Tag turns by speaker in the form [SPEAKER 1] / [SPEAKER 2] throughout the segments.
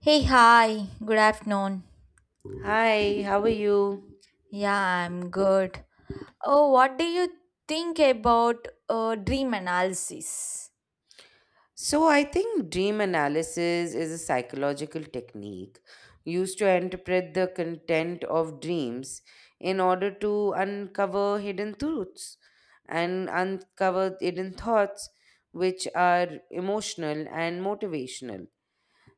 [SPEAKER 1] Hey, hi, good afternoon.
[SPEAKER 2] Hi, how are you?
[SPEAKER 1] Yeah, I'm good. Oh, what do you think about dream analysis?
[SPEAKER 2] So, I think dream analysis is a psychological technique used to interpret the content of dreams in order to uncover hidden truths and uncover hidden thoughts which are emotional and motivational.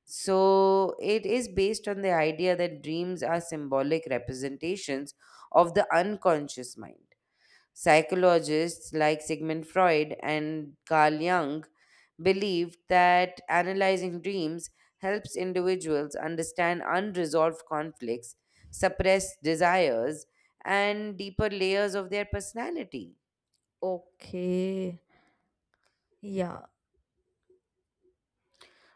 [SPEAKER 2] So, it is based on the idea that dreams are symbolic representations of the unconscious mind. Psychologists like Sigmund Freud and Carl Jung believed that analyzing dreams helps individuals understand unresolved conflicts, suppressed desires, and deeper layers of their personality.
[SPEAKER 1] Okay, yeah.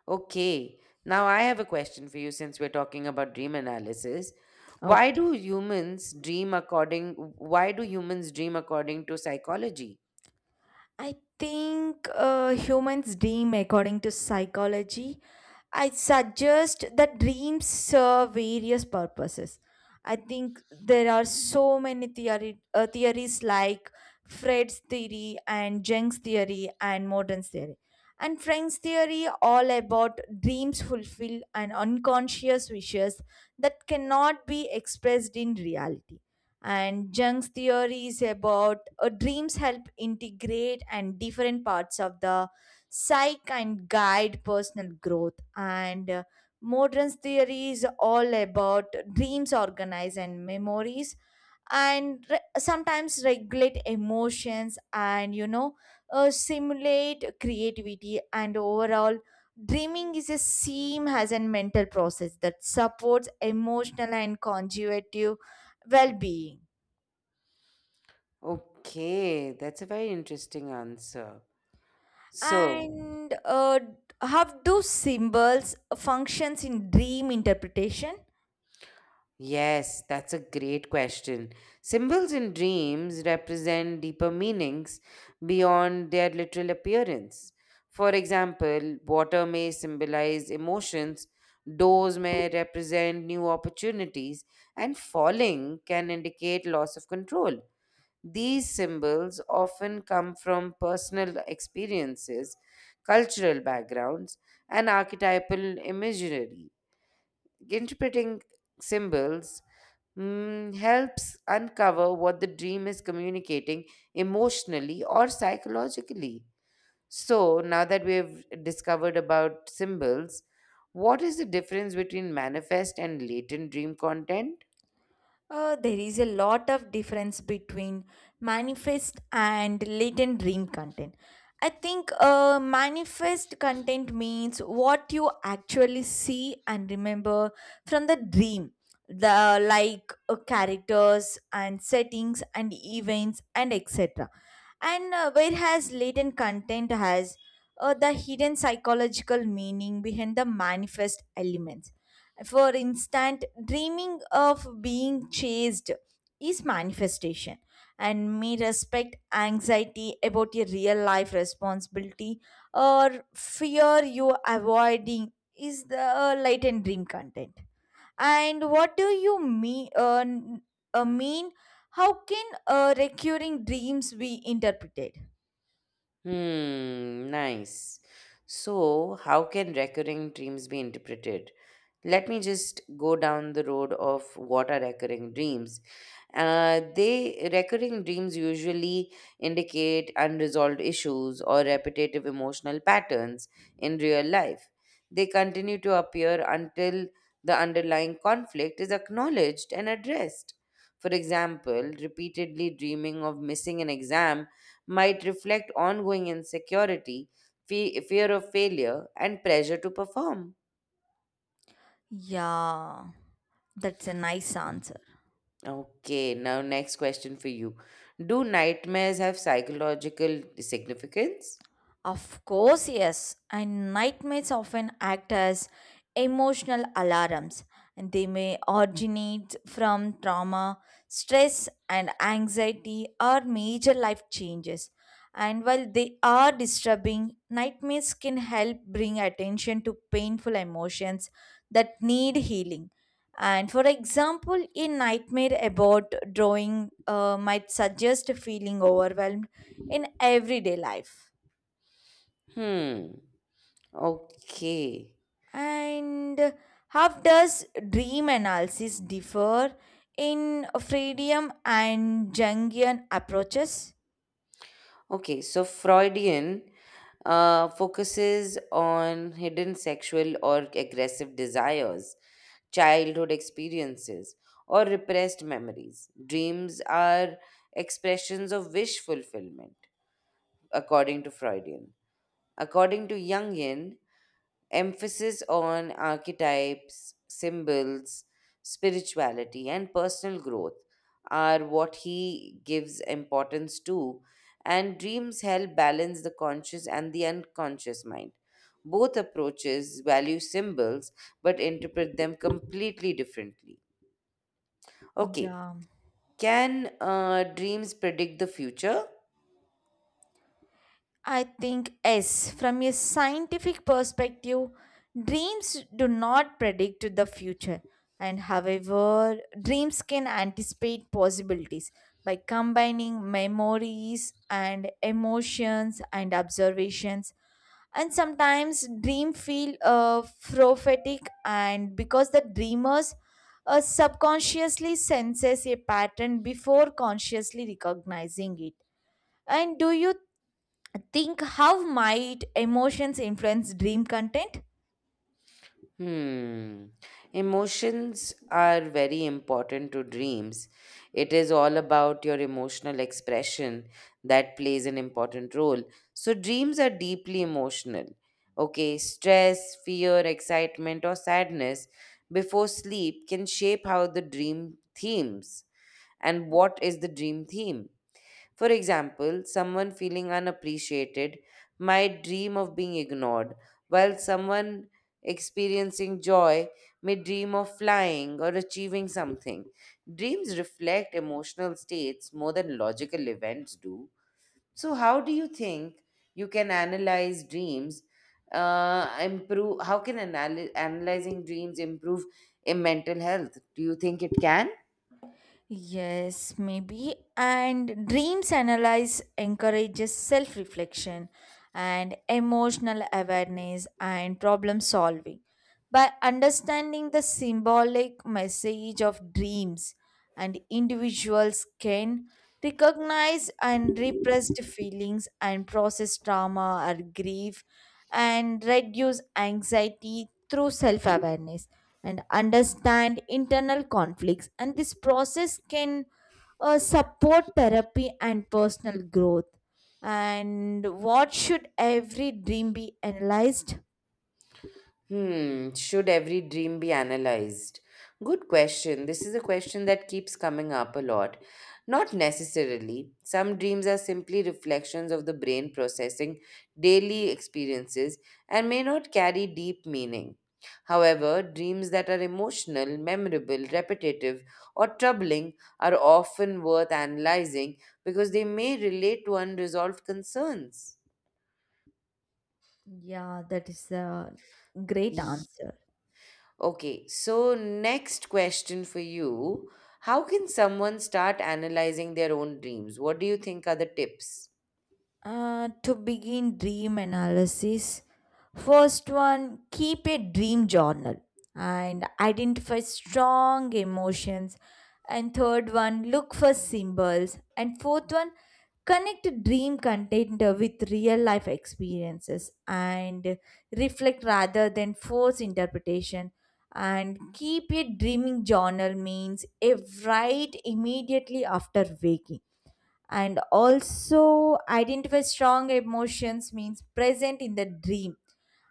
[SPEAKER 2] Okay, now I have a question for you since we're talking about dream analysis.
[SPEAKER 1] Okay.
[SPEAKER 2] Why do humans dream according to psychology?
[SPEAKER 1] I think humans dream according to psychology I suggest that dreams serve various purposes. I think there are so many theories like Fred's theory and Jung's theory and Morton's theory. And Frank's theory all about dreams fulfill and unconscious wishes that cannot be expressed in reality. And Jung's theory is about dreams help integrate and different parts of the psych and guide personal growth and modern theory is all about dreams organize and memories and sometimes regulate emotions and simulate creativity and overall dreaming is a seam as a mental process that supports emotional and conjugative well-being
[SPEAKER 2] Okay, that's a very interesting answer. So,
[SPEAKER 1] and how do symbols functions in dream interpretation?
[SPEAKER 2] yes, that's a great question. Symbols in dreams represent deeper meanings beyond their literal appearance. For example, water may symbolize emotions, doors may represent new opportunities, and falling can indicate loss of control. These symbols often come from personal experiences, cultural backgrounds, and archetypal imagery. Interpreting symbols, helps uncover what the dream is communicating emotionally or psychologically. So, now that we have discovered about symbols, what is the difference between manifest and latent dream content?
[SPEAKER 1] There is a lot of difference between manifest and latent dream content. I think manifest content means what you actually see and remember from the dream, the like characters and settings and events and etc. And whereas latent content has the hidden psychological meaning behind the manifest elements. For instance, dreaming of being chased is manifestation and may respect anxiety about a real life responsibility or fear you avoiding is the latent dream content. And what do you mean? Uh, mean how can recurring dreams be interpreted?
[SPEAKER 2] Hmm, nice. So, how can recurring dreams be interpreted? Let me just go down the road of what are recurring dreams. They Recurring dreams usually indicate unresolved issues or repetitive emotional patterns in real life. They continue to appear until the underlying conflict is acknowledged and addressed. For example, repeatedly dreaming of missing an exam might reflect ongoing insecurity, fear of failure, and pressure to perform.
[SPEAKER 1] Yeah, that's a nice answer.
[SPEAKER 2] Okay, now next question for you. Do nightmares have psychological significance?
[SPEAKER 1] Of course, yes. And nightmares often act as emotional alarms. And they may originate from trauma, stress, and anxiety or major life changes. And while they are disturbing, nightmares can help bring attention to painful emotions that need healing. And for example, a nightmare about drawing might suggest feeling overwhelmed in everyday life.
[SPEAKER 2] Hmm. Okay.
[SPEAKER 1] And how does dream analysis differ in Freudian and Jungian approaches?
[SPEAKER 2] Okay, so Freudian focuses on hidden sexual or aggressive desires, childhood experiences, or repressed memories. Dreams are expressions of wish fulfillment, according to Freudian. According to Jungian, emphasis on archetypes, symbols, spirituality, and personal growth are what he gives importance to, and dreams help balance the conscious and the unconscious mind. Both approaches value symbols but interpret them completely differently. Okay,
[SPEAKER 1] Yeah,
[SPEAKER 2] can dreams predict the future?
[SPEAKER 1] I think yes. From a scientific perspective, dreams do not predict the future, and however, dreams can anticipate possibilities by combining memories and emotions and observations and sometimes dream feel prophetic and because the dreamers subconsciously senses a pattern before consciously recognizing it and do you think how might emotions influence dream content?
[SPEAKER 2] Hmm. Emotions are very important to dreams. It is all about your emotional expression that plays an important role. So, dreams are deeply emotional. Okay, stress, fear, excitement, or sadness before sleep can shape how the dream themes and what is the dream theme. For example, someone feeling unappreciated might dream of being ignored, while someone experiencing joy may dream of flying or achieving something. Dreams reflect emotional states more than logical events do. So, how do you think you can analyze dreams? Improve. Analyzing dreams improve in mental health? Do you think it can?
[SPEAKER 1] Yes, maybe. And dreams analyze encourages self reflection and emotional awareness and problem solving. By understanding the symbolic message of dreams, and individuals can recognize and repressed feelings and process trauma or grief and reduce anxiety through self awareness and understand internal conflicts and this process can support therapy and personal growth and what should every dream be analyzed?
[SPEAKER 2] Hmm, should every dream be analyzed? Good question. This is a question that keeps coming up a lot. Not necessarily. Some dreams are simply reflections of the brain processing daily experiences and may not carry deep meaning. However, dreams that are emotional, memorable, repetitive, or troubling are often worth analyzing because they may relate to unresolved concerns.
[SPEAKER 1] Yeah, that is a great answer.
[SPEAKER 2] Okay, so next question for you. How can someone start analyzing their own dreams? What do you think are the tips?
[SPEAKER 1] To begin dream analysis, first one, keep a dream journal and identify strong emotions. And third one, look for symbols. And fourth one, connect dream content with real life experiences and reflect rather than force interpretation. And keep a dreaming journal means a write immediately after waking and also identify strong emotions means present in the dream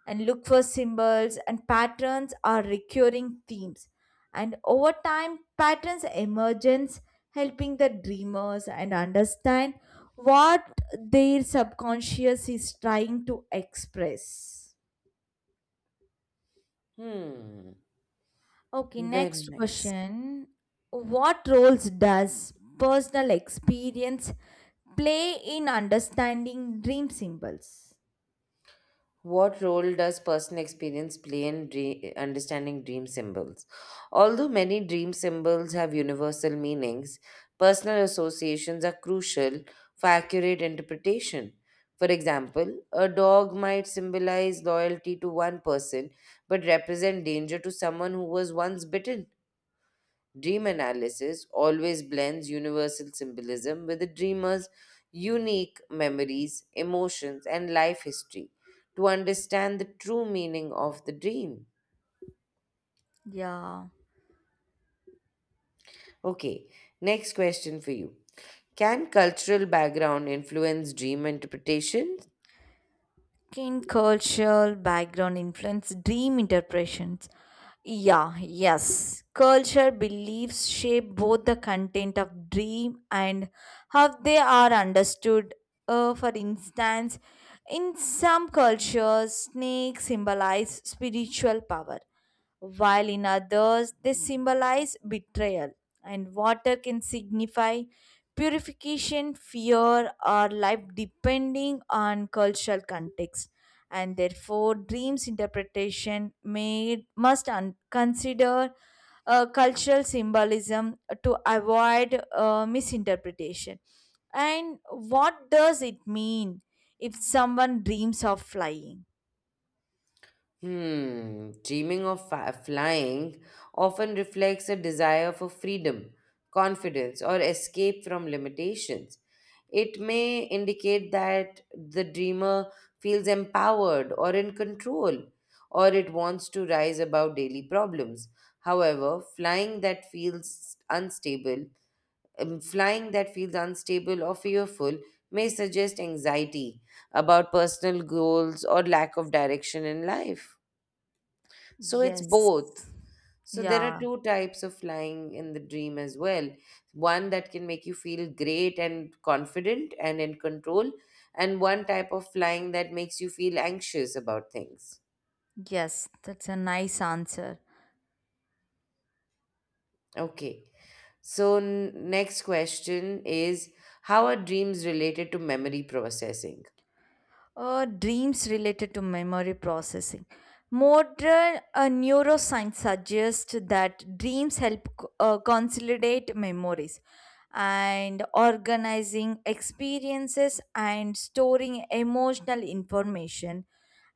[SPEAKER 1] and look for symbols and patterns or recurring themes and over time patterns emergence helping the dreamers and understand what their subconscious is trying to express.
[SPEAKER 2] Hmm,
[SPEAKER 1] Okay,
[SPEAKER 2] very
[SPEAKER 1] next
[SPEAKER 2] nice.
[SPEAKER 1] question. What roles does personal experience play in understanding dream symbols?
[SPEAKER 2] What role does personal experience play in understanding dream symbols? Although many dream symbols have universal meanings, personal associations are crucial for accurate interpretation. For example, a dog might symbolize loyalty to one person but represent danger to someone who was once bitten. Dream analysis always blends universal symbolism with the dreamer's unique memories, emotions, and life history to understand the true meaning of the dream.
[SPEAKER 1] Yeah.
[SPEAKER 2] Okay, next question for you. Can cultural background influence dream interpretation?
[SPEAKER 1] Can cultural background influence dream interpretations? Yeah, yes. Culture beliefs shape both the content of dream and how they are understood. For instance, in some cultures, snakes symbolize spiritual power, while in others they symbolize betrayal. And water can signify purification, fear, or life depending on cultural context. And therefore, dreams interpretation made must consider cultural symbolism to avoid misinterpretation. And what does it mean if someone dreams of flying?
[SPEAKER 2] Hmm, dreaming of flying often reflects a desire for freedom, confidence, or escape from limitations. It may indicate that the dreamer feels empowered or in control, or it wants to rise above daily problems. However, flying that feels unstable or fearful may suggest anxiety about personal goals or lack of direction in life. So it's
[SPEAKER 1] Yes.
[SPEAKER 2] both. So there are
[SPEAKER 1] Yeah.
[SPEAKER 2] two types of flying in the dream as well. One that can make you feel great and confident and in control, and one type of flying that makes you feel anxious about things.
[SPEAKER 1] Yes, that's a nice answer.
[SPEAKER 2] Okay. So next question is how are dreams related to memory processing?
[SPEAKER 1] Dreams related to memory processing. Modern neuroscience suggests that dreams help consolidate memories and organizing experiences and storing emotional information.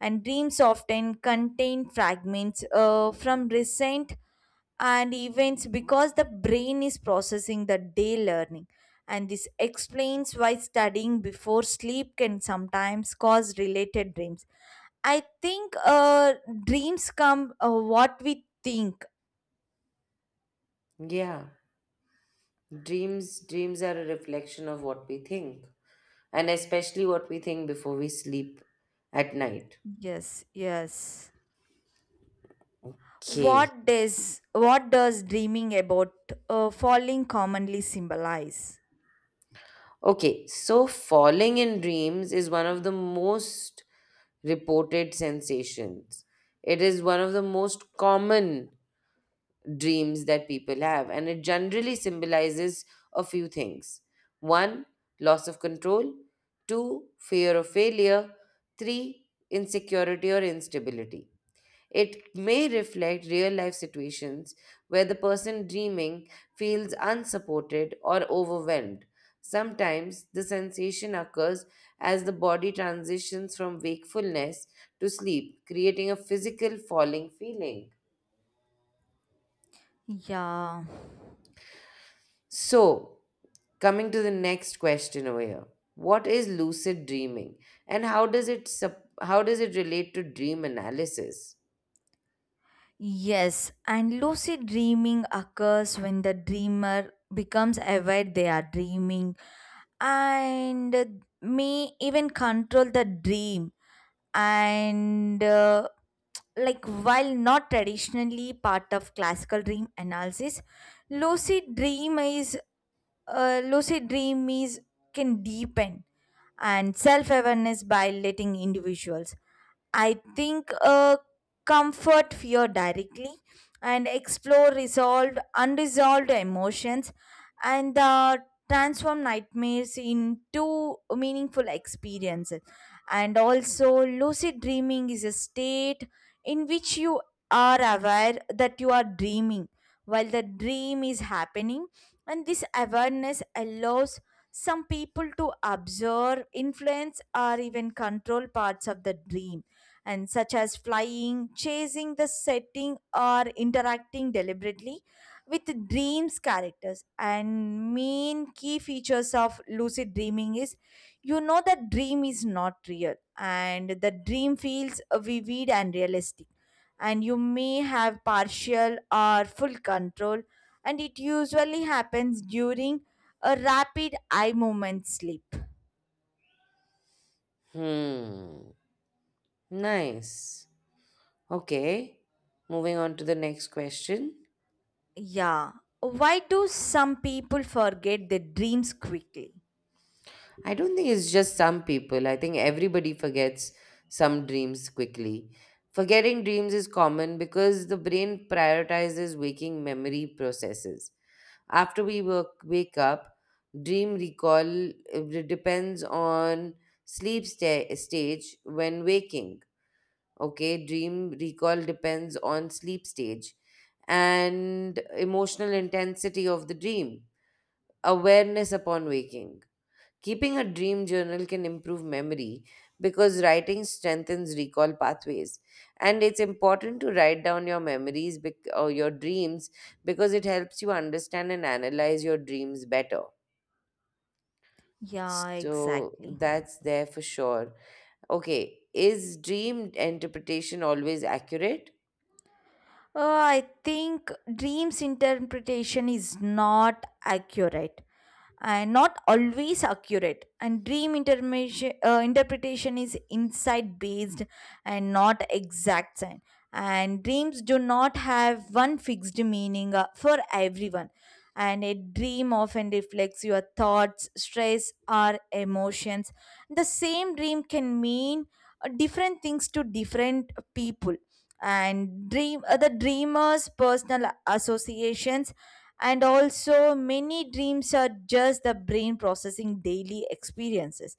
[SPEAKER 1] And dreams often contain fragments from recent and events because the brain is processing the day learning. And this explains why studying before sleep can sometimes cause related dreams. I think dreams come what we think.
[SPEAKER 2] Yeah. Dreams are a reflection of what we think and especially what we think before we sleep at night.
[SPEAKER 1] Yes, yes.
[SPEAKER 2] Okay.
[SPEAKER 1] What does dreaming about falling commonly symbolize?
[SPEAKER 2] Okay, so falling in dreams is one of the most reported sensations. It is one of the most common dreams that people have, and it generally symbolizes a few things: one, loss of control; two, fear of failure; three, insecurity or instability. It may reflect real life situations where the person dreaming feels unsupported or overwhelmed. Sometimes the sensation occurs as the body transitions from wakefulness to sleep, creating a physical falling feeling.
[SPEAKER 1] Yeah.
[SPEAKER 2] So, coming to the next question over here, what is lucid dreaming and how does it relate to dream analysis?
[SPEAKER 1] Yes, and lucid dreaming occurs when the dreamer becomes aware they are dreaming and may even control the dream and like while not traditionally part of classical dream analysis lucid dream is lucid dream is can deepen and self awareness by letting individuals I think comfort fear directly and explore resolved unresolved emotions and transform nightmares into meaningful experiences and also lucid dreaming is a state in which you are aware that you are dreaming while the dream is happening and this awareness allows some people to observe influence or even control parts of the dream and such as flying, chasing the setting, or interacting deliberately with dreams characters. And main key features of lucid dreaming is you know that dream is not real, and the dream feels vivid and realistic. And you may have partial or full control, and it usually happens during a rapid eye movement sleep.
[SPEAKER 2] Hmm, nice. Okay, moving on to the next question.
[SPEAKER 1] Yeah. Why do some people forget their dreams quickly?
[SPEAKER 2] I don't think it's just some people. I think everybody forgets some dreams quickly. Forgetting dreams is common because the brain prioritizes waking memory processes. After we wake up, dream recall depends on stage when waking. Okay, dream recall depends on sleep stage and emotional intensity of the dream. Awareness upon waking. Keeping a dream journal can improve memory because writing strengthens recall pathways. And it's important to write down your memories or your dreams because it helps you understand and analyze your dreams better.
[SPEAKER 1] Yeah,
[SPEAKER 2] So
[SPEAKER 1] exactly.
[SPEAKER 2] that's there for sure. Okay, is dream interpretation always accurate?
[SPEAKER 1] Uh, I think dreams interpretation is not accurate and not always accurate. And dream interpretation is insight based and not exact science. And dreams do not have one fixed meaning for everyone. And a dream often reflects your thoughts, stress, or emotions. The same dream can mean different things to different people and dream the dreamers personal associations and also many dreams are just the brain processing daily experiences.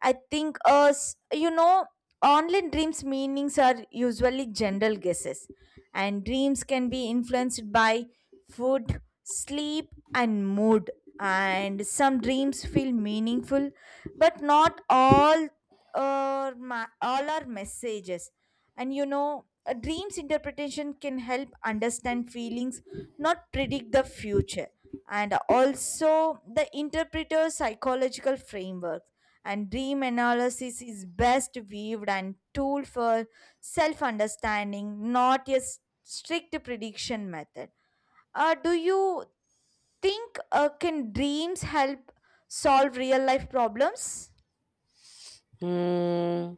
[SPEAKER 1] I think online dreams meanings are usually general guesses and dreams can be influenced by food sleep and mood and some dreams feel meaningful but not all all are messages and a dream's interpretation can help understand feelings, not predict the future. And also, the interpreter's psychological framework and dream analysis is best weaved and tool for self understanding, not a strict prediction method. Do you think can dreams help solve real life problems?
[SPEAKER 2] Hmm.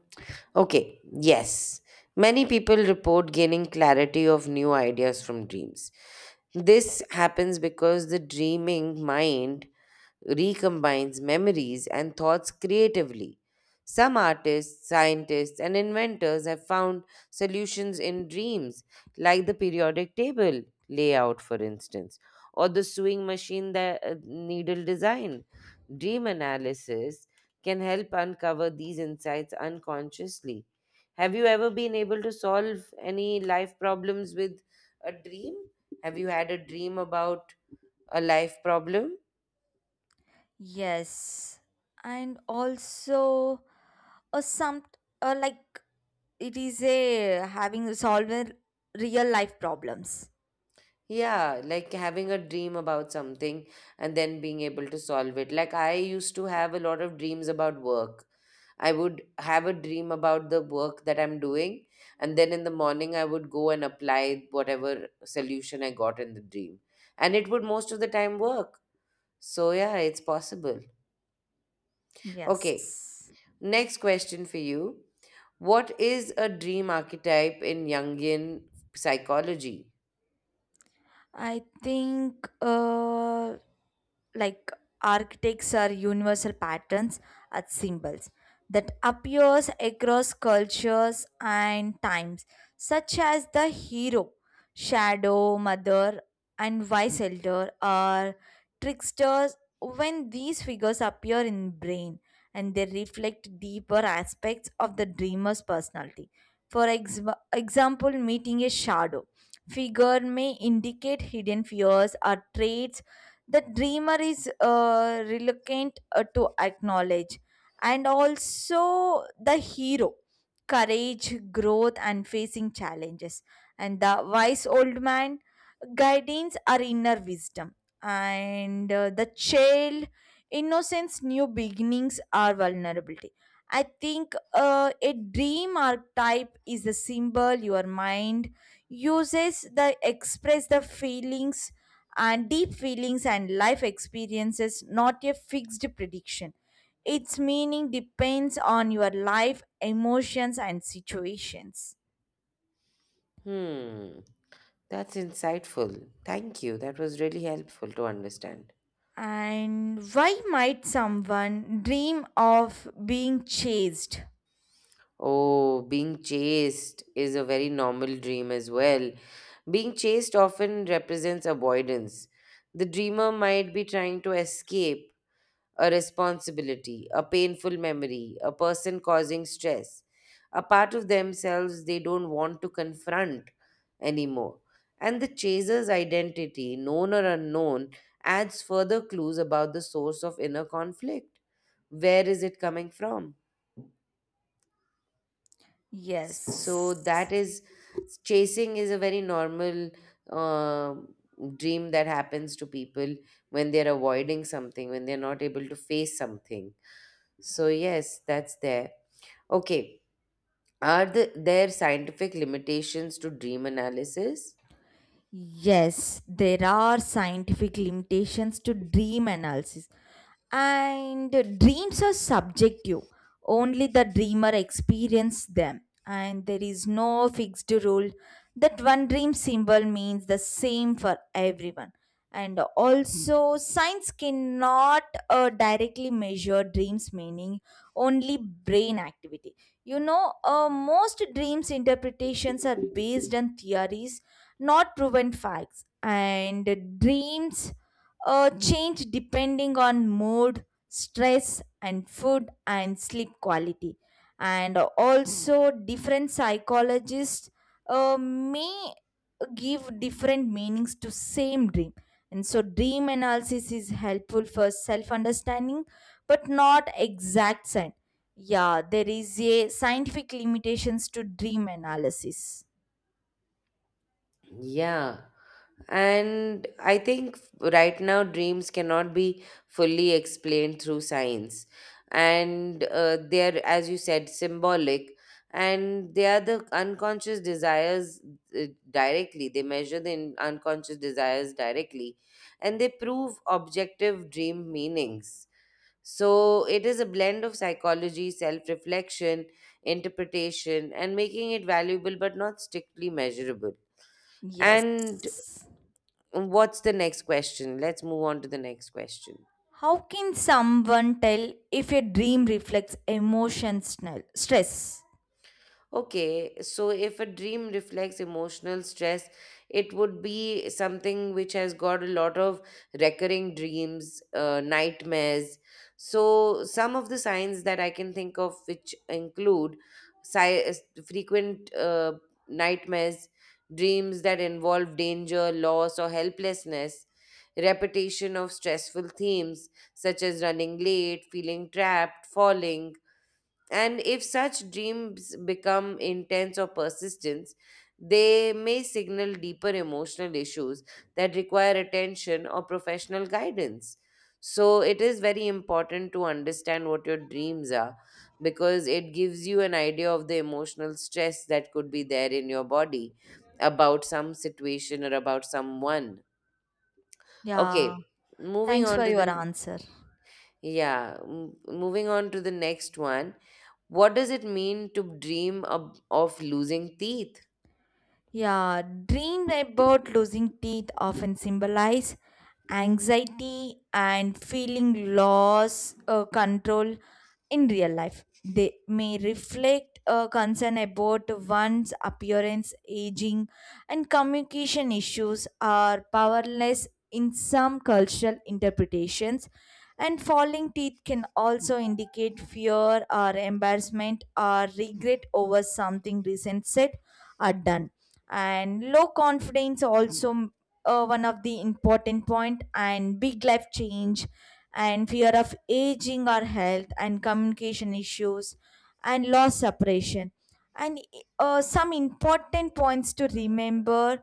[SPEAKER 2] Okay, yes. Many people report gaining clarity of new ideas from dreams. This happens because the dreaming mind recombines memories and thoughts creatively. Some artists, scientists, and inventors have found solutions in dreams, like the periodic table layout, for instance, or the sewing machine needle design. Dream analysis can help uncover these insights unconsciously. Have you ever been able to solve any life problems with a dream? Have you had a dream about a life problem?
[SPEAKER 1] Yes, and also or some or like it is a having resolving real life problems
[SPEAKER 2] Yeah, like having a dream about something and then being able to solve it. Like I used to have a lot of dreams about work. I would have a dream about the work that I'm doing, and then in the morning I would go and apply whatever solution I got in the dream. And it would most of the time work. So yeah, it's possible. Okay,
[SPEAKER 1] yes.
[SPEAKER 2] next question for you. What is a dream archetype in Jungian psychology?
[SPEAKER 1] I think like architects are universal patterns and symbols that appears across cultures and times, such as the hero, shadow, mother, and wise elder are tricksters. When these figures appear in brain, and they reflect deeper aspects of the dreamer's personality. For example, meeting a shadow figure may indicate hidden fears or traits the dreamer is reluctant to acknowledge and also the hero courage growth and facing challenges and the wise old man guidance or inner wisdom and the child innocence new beginnings or vulnerability. I think a dream archetype is a symbol your mind uses that express the feelings and deep feelings and life experiences, not a fixed prediction. Its meaning depends on your life, emotions, and situations.
[SPEAKER 2] Hmm. That's insightful. Thank you. That was really helpful to understand.
[SPEAKER 1] And why might someone dream of being chased?
[SPEAKER 2] Oh, being chased is a very normal dream as well. Being chased often represents avoidance. The dreamer might be trying to escape a responsibility, a painful memory, a person causing stress, a part of themselves they don't want to confront anymore. And the chaser's identity, known or unknown, adds further clues about the source of inner conflict. Where is it coming from? So
[SPEAKER 1] Yes.
[SPEAKER 2] that is, chasing is a very normal uh, dream that happens to people when they're avoiding something, when they're not able to face something. So yes, that's there. Okay. There scientific limitations to dream analysis?
[SPEAKER 1] Yes, there are scientific limitations to dream analysis, and dreams are subjective. Only the dreamer experiences them, and there is no fixed rule that one dream symbol means the same for everyone. And also, science cannot directly measure dreams' meaning, only brain activity. Most dreams interpretations are based on theories not proven facts and dreams change depending on mood stress and food and sleep quality and also different psychologists may give different meanings to same dream and so dream analysis is helpful for self understanding but not exact science. Yeah, there is a scientific limitations to dream analysis,
[SPEAKER 2] Yeah. And I think right now dreams cannot be fully explained through science. And as you said, symbolic. And they are the unconscious desires directly. They measure the unconscious desires directly. And they prove objective dream meanings. So it is a blend of psychology, self reflection, interpretation, and making it valuable but not strictly measurable.
[SPEAKER 1] yes.
[SPEAKER 2] And what's the next question? Let's move on to the next question.
[SPEAKER 1] How can someone tell if a dream reflects emotion, stress?
[SPEAKER 2] Okay, so if a dream reflects emotional stress, it would be something which has got a lot of recurring dreams, nightmares. So, some of the signs that I can think of which include frequent nightmares, dreams that involve danger, loss, or helplessness, repetition of stressful themes such as running late, feeling trapped, falling. And if such dreams become intense or persistent, they may signal deeper emotional issues that require attention or professional guidance. So, it is very important to understand what your dreams are because it gives you an idea of the emotional stress that could be there in your body about some situation or about someone.
[SPEAKER 1] Yeah,
[SPEAKER 2] Okay, moving
[SPEAKER 1] thanks for
[SPEAKER 2] on to
[SPEAKER 1] your
[SPEAKER 2] the
[SPEAKER 1] answer.
[SPEAKER 2] yeah, moving on to the next one. What does it mean to of losing teeth?
[SPEAKER 1] Yeah, dream about losing teeth often symbolize anxiety and feeling loss control in real life. They may reflect a concern about one's appearance, aging, and communication issues are powerless in some cultural interpretations. And falling teeth can also indicate fear or embarrassment or regret over something recent said or done and low confidence also one of the important point and big life change and fear of aging or health and communication issues and loss separation and some important points to remember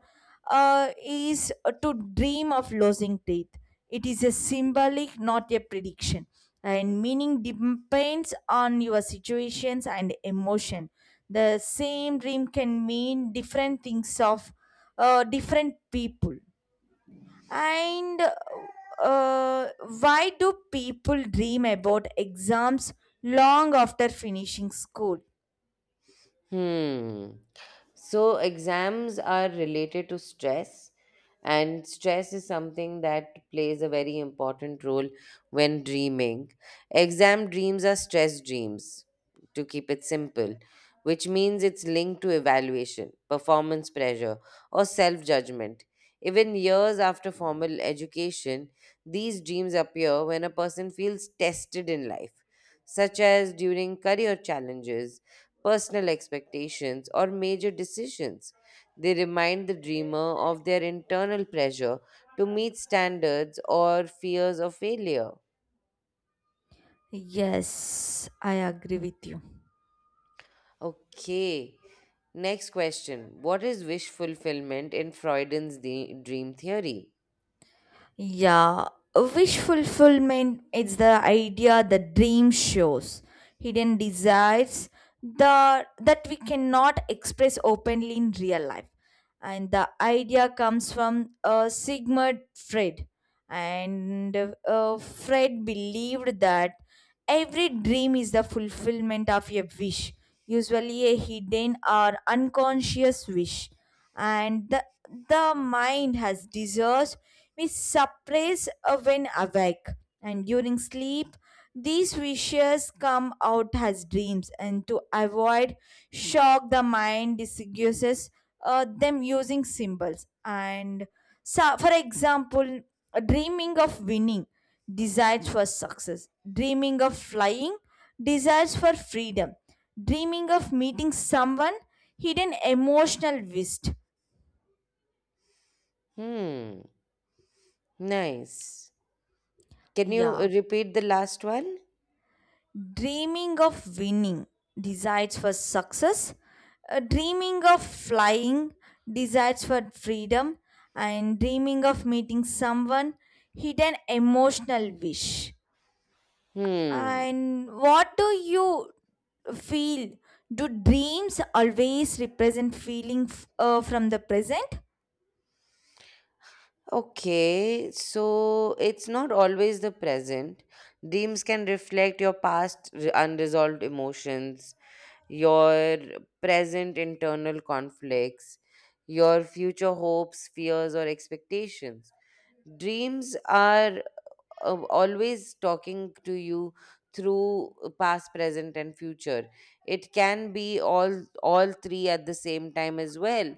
[SPEAKER 1] is to dream of losing teeth. It is a symbolic, not a prediction. And meaning depends on your situations and emotion. The same dream can mean different things of different people. And uh, why do people dream about exams long after finishing school?
[SPEAKER 2] Hmm. So, exams are related to stress, and stress is something that plays a very important role when dreaming. Exam dreams are stress dreams, to keep it simple, which means it's linked to evaluation, performance pressure, or self judgment. Even years after formal education, these dreams appear when a person feels tested in life, such as during career challenges, personal expectations, or major decisions. They remind the dreamer of their internal pressure to meet standards or fears of failure.
[SPEAKER 1] Yes, I agree with you.
[SPEAKER 2] Okay, next question. What is wish fulfillment in Freudian's dream theory?
[SPEAKER 1] Yeah, wish fulfillment is the idea the dream shows, hidden desires that we cannot express openly in real life. And the idea comes from Sigmund Freud, and Freud believed that every dream is the fulfillment of a wish, usually a hidden or unconscious wish and the mind has desires we suppress when awake and during sleep these wishes come out as dreams and to avoid shock the mind disguises them using symbols and so for example dreaming of winning desires for success, dreaming of flying, desires for freedom, dreaming of meeting someone, hidden emotional wish.
[SPEAKER 2] Hmm, nice. Can you
[SPEAKER 1] Yeah,
[SPEAKER 2] repeat the last one?
[SPEAKER 1] dreaming of winning, desires for success, dreaming of flying, desires for freedom, and dreaming of meeting someone, hidden emotional wish.
[SPEAKER 2] Hmm.
[SPEAKER 1] And what do you feel? Do dreams always represent feeling from the present?
[SPEAKER 2] Okay, so it's not always the present. Dreams can reflect your unresolved emotions, your present internal conflicts, your future hopes, fears, or expectations. Dreams are always talking to you through past, present, and future. It can be all three at the same time as well.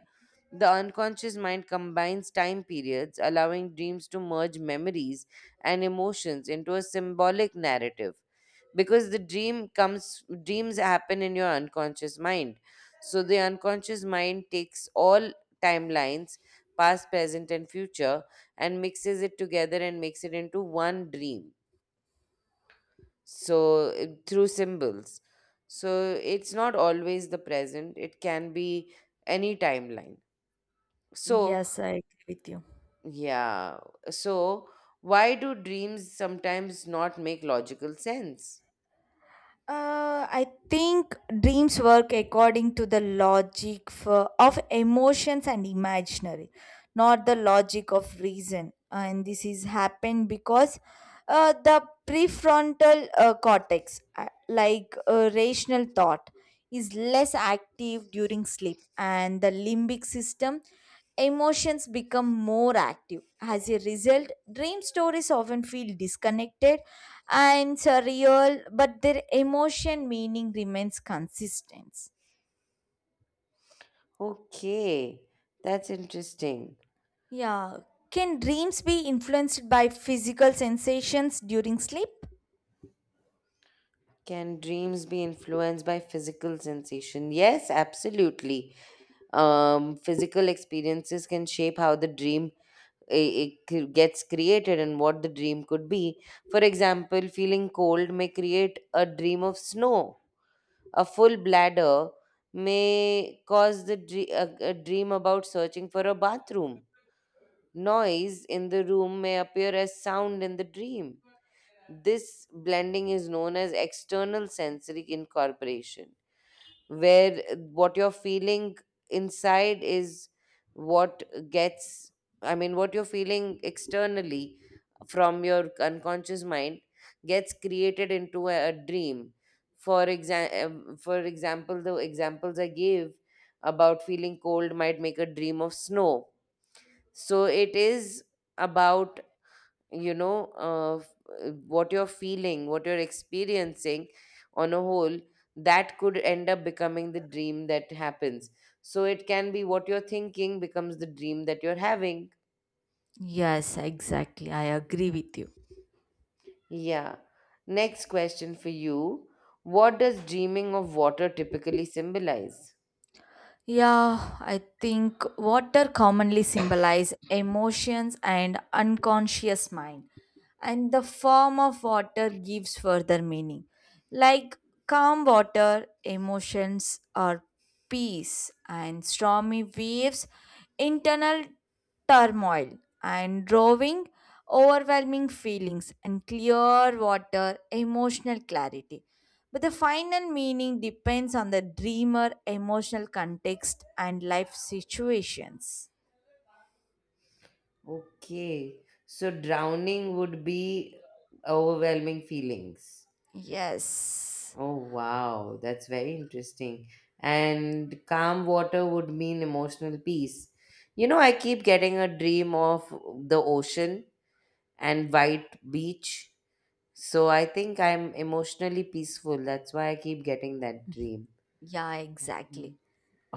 [SPEAKER 2] The unconscious mind combines time periods, allowing dreams to merge memories and emotions into a symbolic narrative because the dream comes dreams happen in your unconscious mind. So the unconscious mind takes all timelines, past, present, and future, and mixes it together and makes it into one dream, so through symbols. So it's not always the present, it can be any timeline, so
[SPEAKER 1] Yes, I agree with you.
[SPEAKER 2] yeah. So why do dreams sometimes not make logical sense?
[SPEAKER 1] I think dreams work according to the logic of emotions and imaginary, not the logic of reason. And this is happened because the prefrontal cortex, like rational thought, is less active during sleep, and the limbic system emotions become more active. As a result, dream stories often feel disconnected and surreal, but their emotion meaning remains consistent.
[SPEAKER 2] Okay, that's interesting.
[SPEAKER 1] Yeah. Can dreams be influenced by physical sensations during sleep?
[SPEAKER 2] Can dreams be influenced by physical sensation? Yes, absolutely. Physical experiences can shape how the dream it gets created and what the dream could be. For example, feeling cold may create a dream of snow. A full bladder may cause a dream about searching for a bathroom. Noise in the room may appear as sound in the dream. This blending is known as external sensory incorporation, where what you're feeling inside is what gets, I mean, what you're feeling externally from your unconscious mind gets created into a dream. For example, the examples I gave about feeling cold might make a dream of snow. So it is about, you know uh, f- what you're feeling, what you're experiencing on a whole, that could end up becoming the dream that happens. So it can be what you're thinking becomes the dream that you're having,
[SPEAKER 1] Yes, exactly. I agree with you.
[SPEAKER 2] yeah. Next question for you: what does dreaming of water typically symbolize?
[SPEAKER 1] Yeah, I think water commonly symbolize emotions and unconscious mind, and the form of water gives further meaning. Like calm water, emotions are peace, and stormy waves, internal turmoil and drawing overwhelming feelings and clear water emotional clarity but the final meaning depends on the dreamer emotional context and life situations.
[SPEAKER 2] Okay, so drowning would be overwhelming feelings.
[SPEAKER 1] Yes.
[SPEAKER 2] Oh, wow. That's very interesting. And calm water would mean emotional peace. You know, I keep getting a dream of the ocean and white beach. So I think I'm emotionally peaceful. That's why I keep getting that dream.
[SPEAKER 1] Yeah,
[SPEAKER 2] Mm.
[SPEAKER 1] exactly.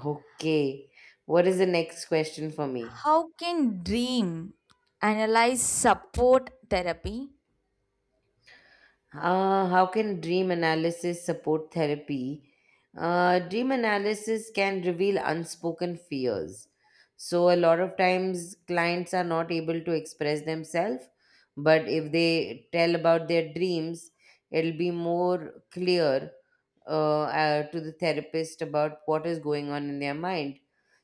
[SPEAKER 2] Okay. What is the next question for me?
[SPEAKER 1] How can dream analyze support therapy?
[SPEAKER 2] How can dream analysis support therapy? Dream analysis can reveal unspoken fears. So, a lot of times clients are not able to express themselves, but if they tell about their dreams, it'll be more clear to the therapist about what is going on in their mind.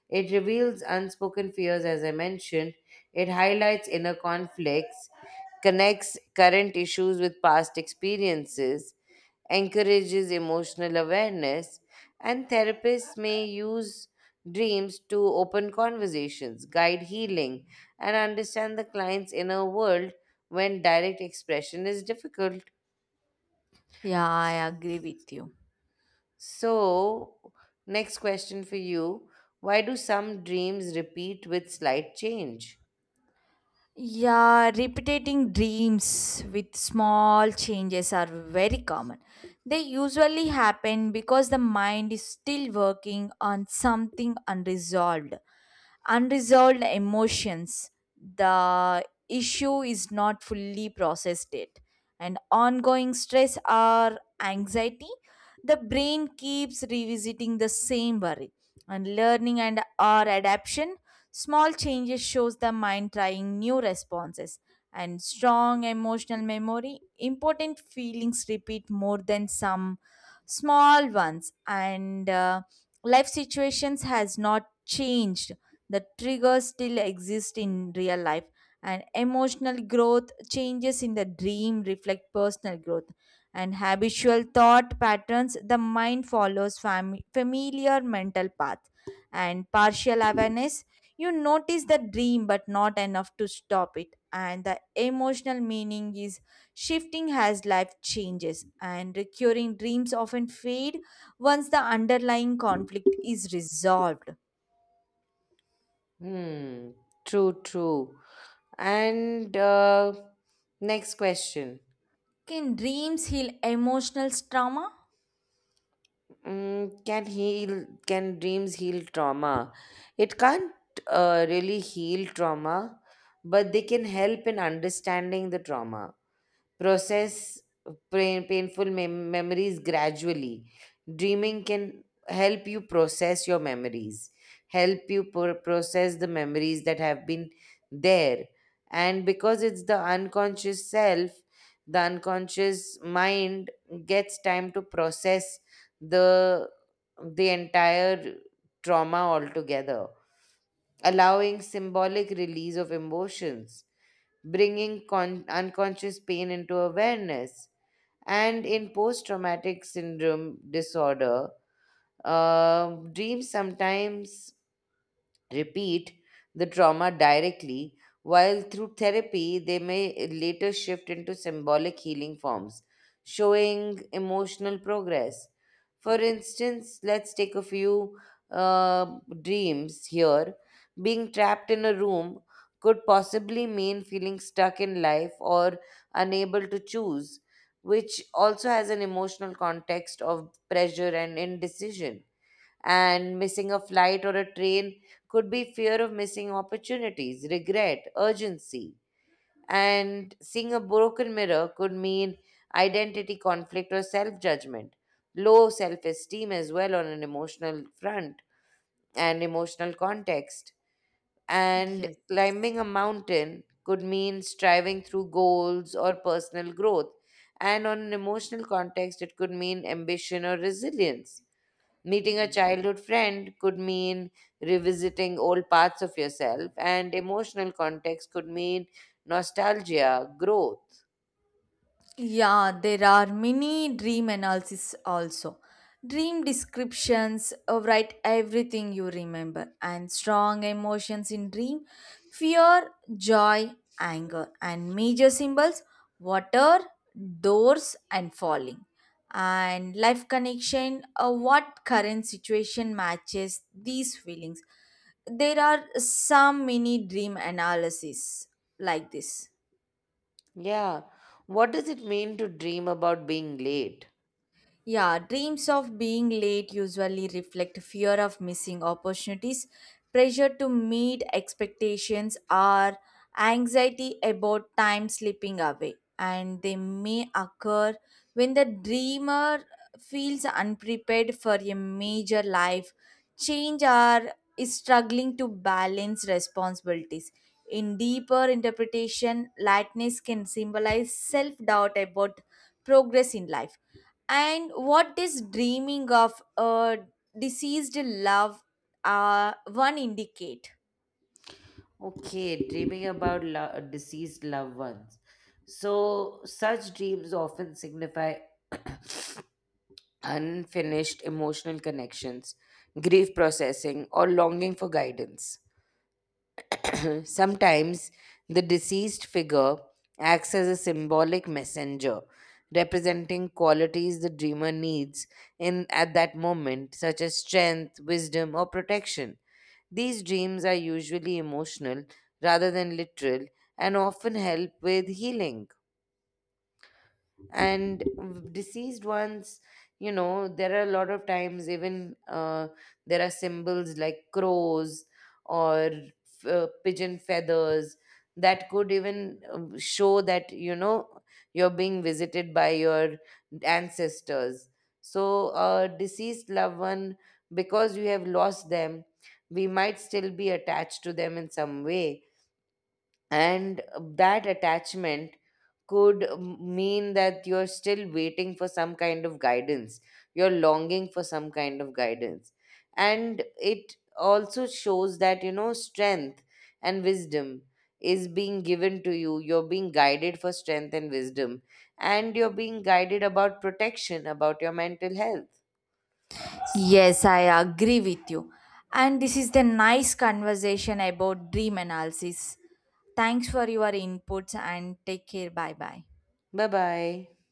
[SPEAKER 2] It reveals unspoken fears, as I mentioned. It highlights inner conflicts, connects current issues with past experiences, encourages emotional awareness, and therapists may use dreams to open conversations, guide healing, and understand the client's inner world when direct expression is difficult.
[SPEAKER 1] Yeah, I agree with you.
[SPEAKER 2] So, next question for you: why do some dreams repeat with slight change?
[SPEAKER 1] Yeah, repeating dreams with small changes are very common. They usually happen because the mind is still working on something unresolved emotions. The issue is not fully processed yet, and ongoing stress or anxiety. The brain keeps revisiting the same worry, and learning and or adaption. Small changes shows the mind trying new responses and strong emotional memory. Important feelings repeat more than some small ones, and life situations has not changed the triggers still exist in real life, and emotional growth changes in the dream reflect personal growth and habitual thought patterns. The mind follows familiar mental path and partial awareness. You notice the dream, but not enough to stop it. And the emotional meaning is shifting as life changes, and recurring dreams often fade once the underlying conflict is resolved.
[SPEAKER 2] Hmm, true, true. And next question.
[SPEAKER 1] Can dreams heal emotional trauma?
[SPEAKER 2] Mm, can dreams heal trauma? It can't really heal trauma, but they can help in understanding the trauma, process memories gradually. Dreaming can help you process your memories, help you process the memories that have been there. And because it's the unconscious self, the unconscious mind gets time to process the the entire trauma altogether, allowing symbolic release of emotions, bringing unconscious pain into awareness. And in post traumatic syndrome disorder, dreams sometimes repeat the trauma directly, while through therapy they may later shift into symbolic healing forms, showing emotional progress. For instance, let's take a few uh, dreams here. Being trapped in a room could possibly mean feeling stuck in life or unable to choose, which also has an emotional context of pressure and indecision. And missing a flight or a train could be fear of missing opportunities, regret, urgency. And seeing a broken mirror could mean identity conflict or self judgment, low self esteem as well on an emotional front and emotional context. And
[SPEAKER 1] Yes.
[SPEAKER 2] climbing a mountain could mean striving through goals or personal growth. And on an emotional context, it could mean ambition or resilience. Meeting a
[SPEAKER 1] Yeah.
[SPEAKER 2] childhood friend could mean revisiting old parts of yourself, and emotional context could mean nostalgia, growth.
[SPEAKER 1] Yeah, there are many dream analysis also. Dream descriptions write everything you remember and strong emotions in dream, fear, joy, anger, and major symbols, water, doors, and falling. And life connection, what current situation matches these feelings. There are some mini dream analysis like this.
[SPEAKER 2] Yeah. What does it mean to dream about being late?
[SPEAKER 1] Yeah, dreams of being late usually reflect fear of missing opportunities, pressure to meet expectations, or anxiety about time slipping away. And they may occur when the dreamer feels unprepared for a major life change or is struggling to balance responsibilities. In deeper interpretation, lightness can symbolize self doubt about progress in life and what this dreaming of a deceased love one indicate?
[SPEAKER 2] Okay, dreaming about deceased loved ones. So, such dreams often signify unfinished emotional connections, grief processing, or longing for guidance. Sometimes the deceased figure acts as a symbolic messenger, representing qualities the dreamer needs in at that moment, such as strength, wisdom, or protection. These dreams are usually emotional rather than literal and often help with healing. And deceased ones, you know, there are a lot of times, even there are symbols like crows or pigeon feathers, that could even show that, you know, you're being visited by your ancestors. So a deceased loved one, because you have lost them, we might still be attached to them in some way, and that attachment could mean that you're still waiting for some kind of guidance, you're longing for some kind of guidance. And it also shows that, you know, strength and wisdom is being given to you, you're being guided for strength and wisdom, and you're being guided about protection about your mental health.
[SPEAKER 1] Yes, I agree with you. And this is the nice conversation about dream analysis. Thanks for your inputs and take care. Bye bye.
[SPEAKER 2] Bye bye.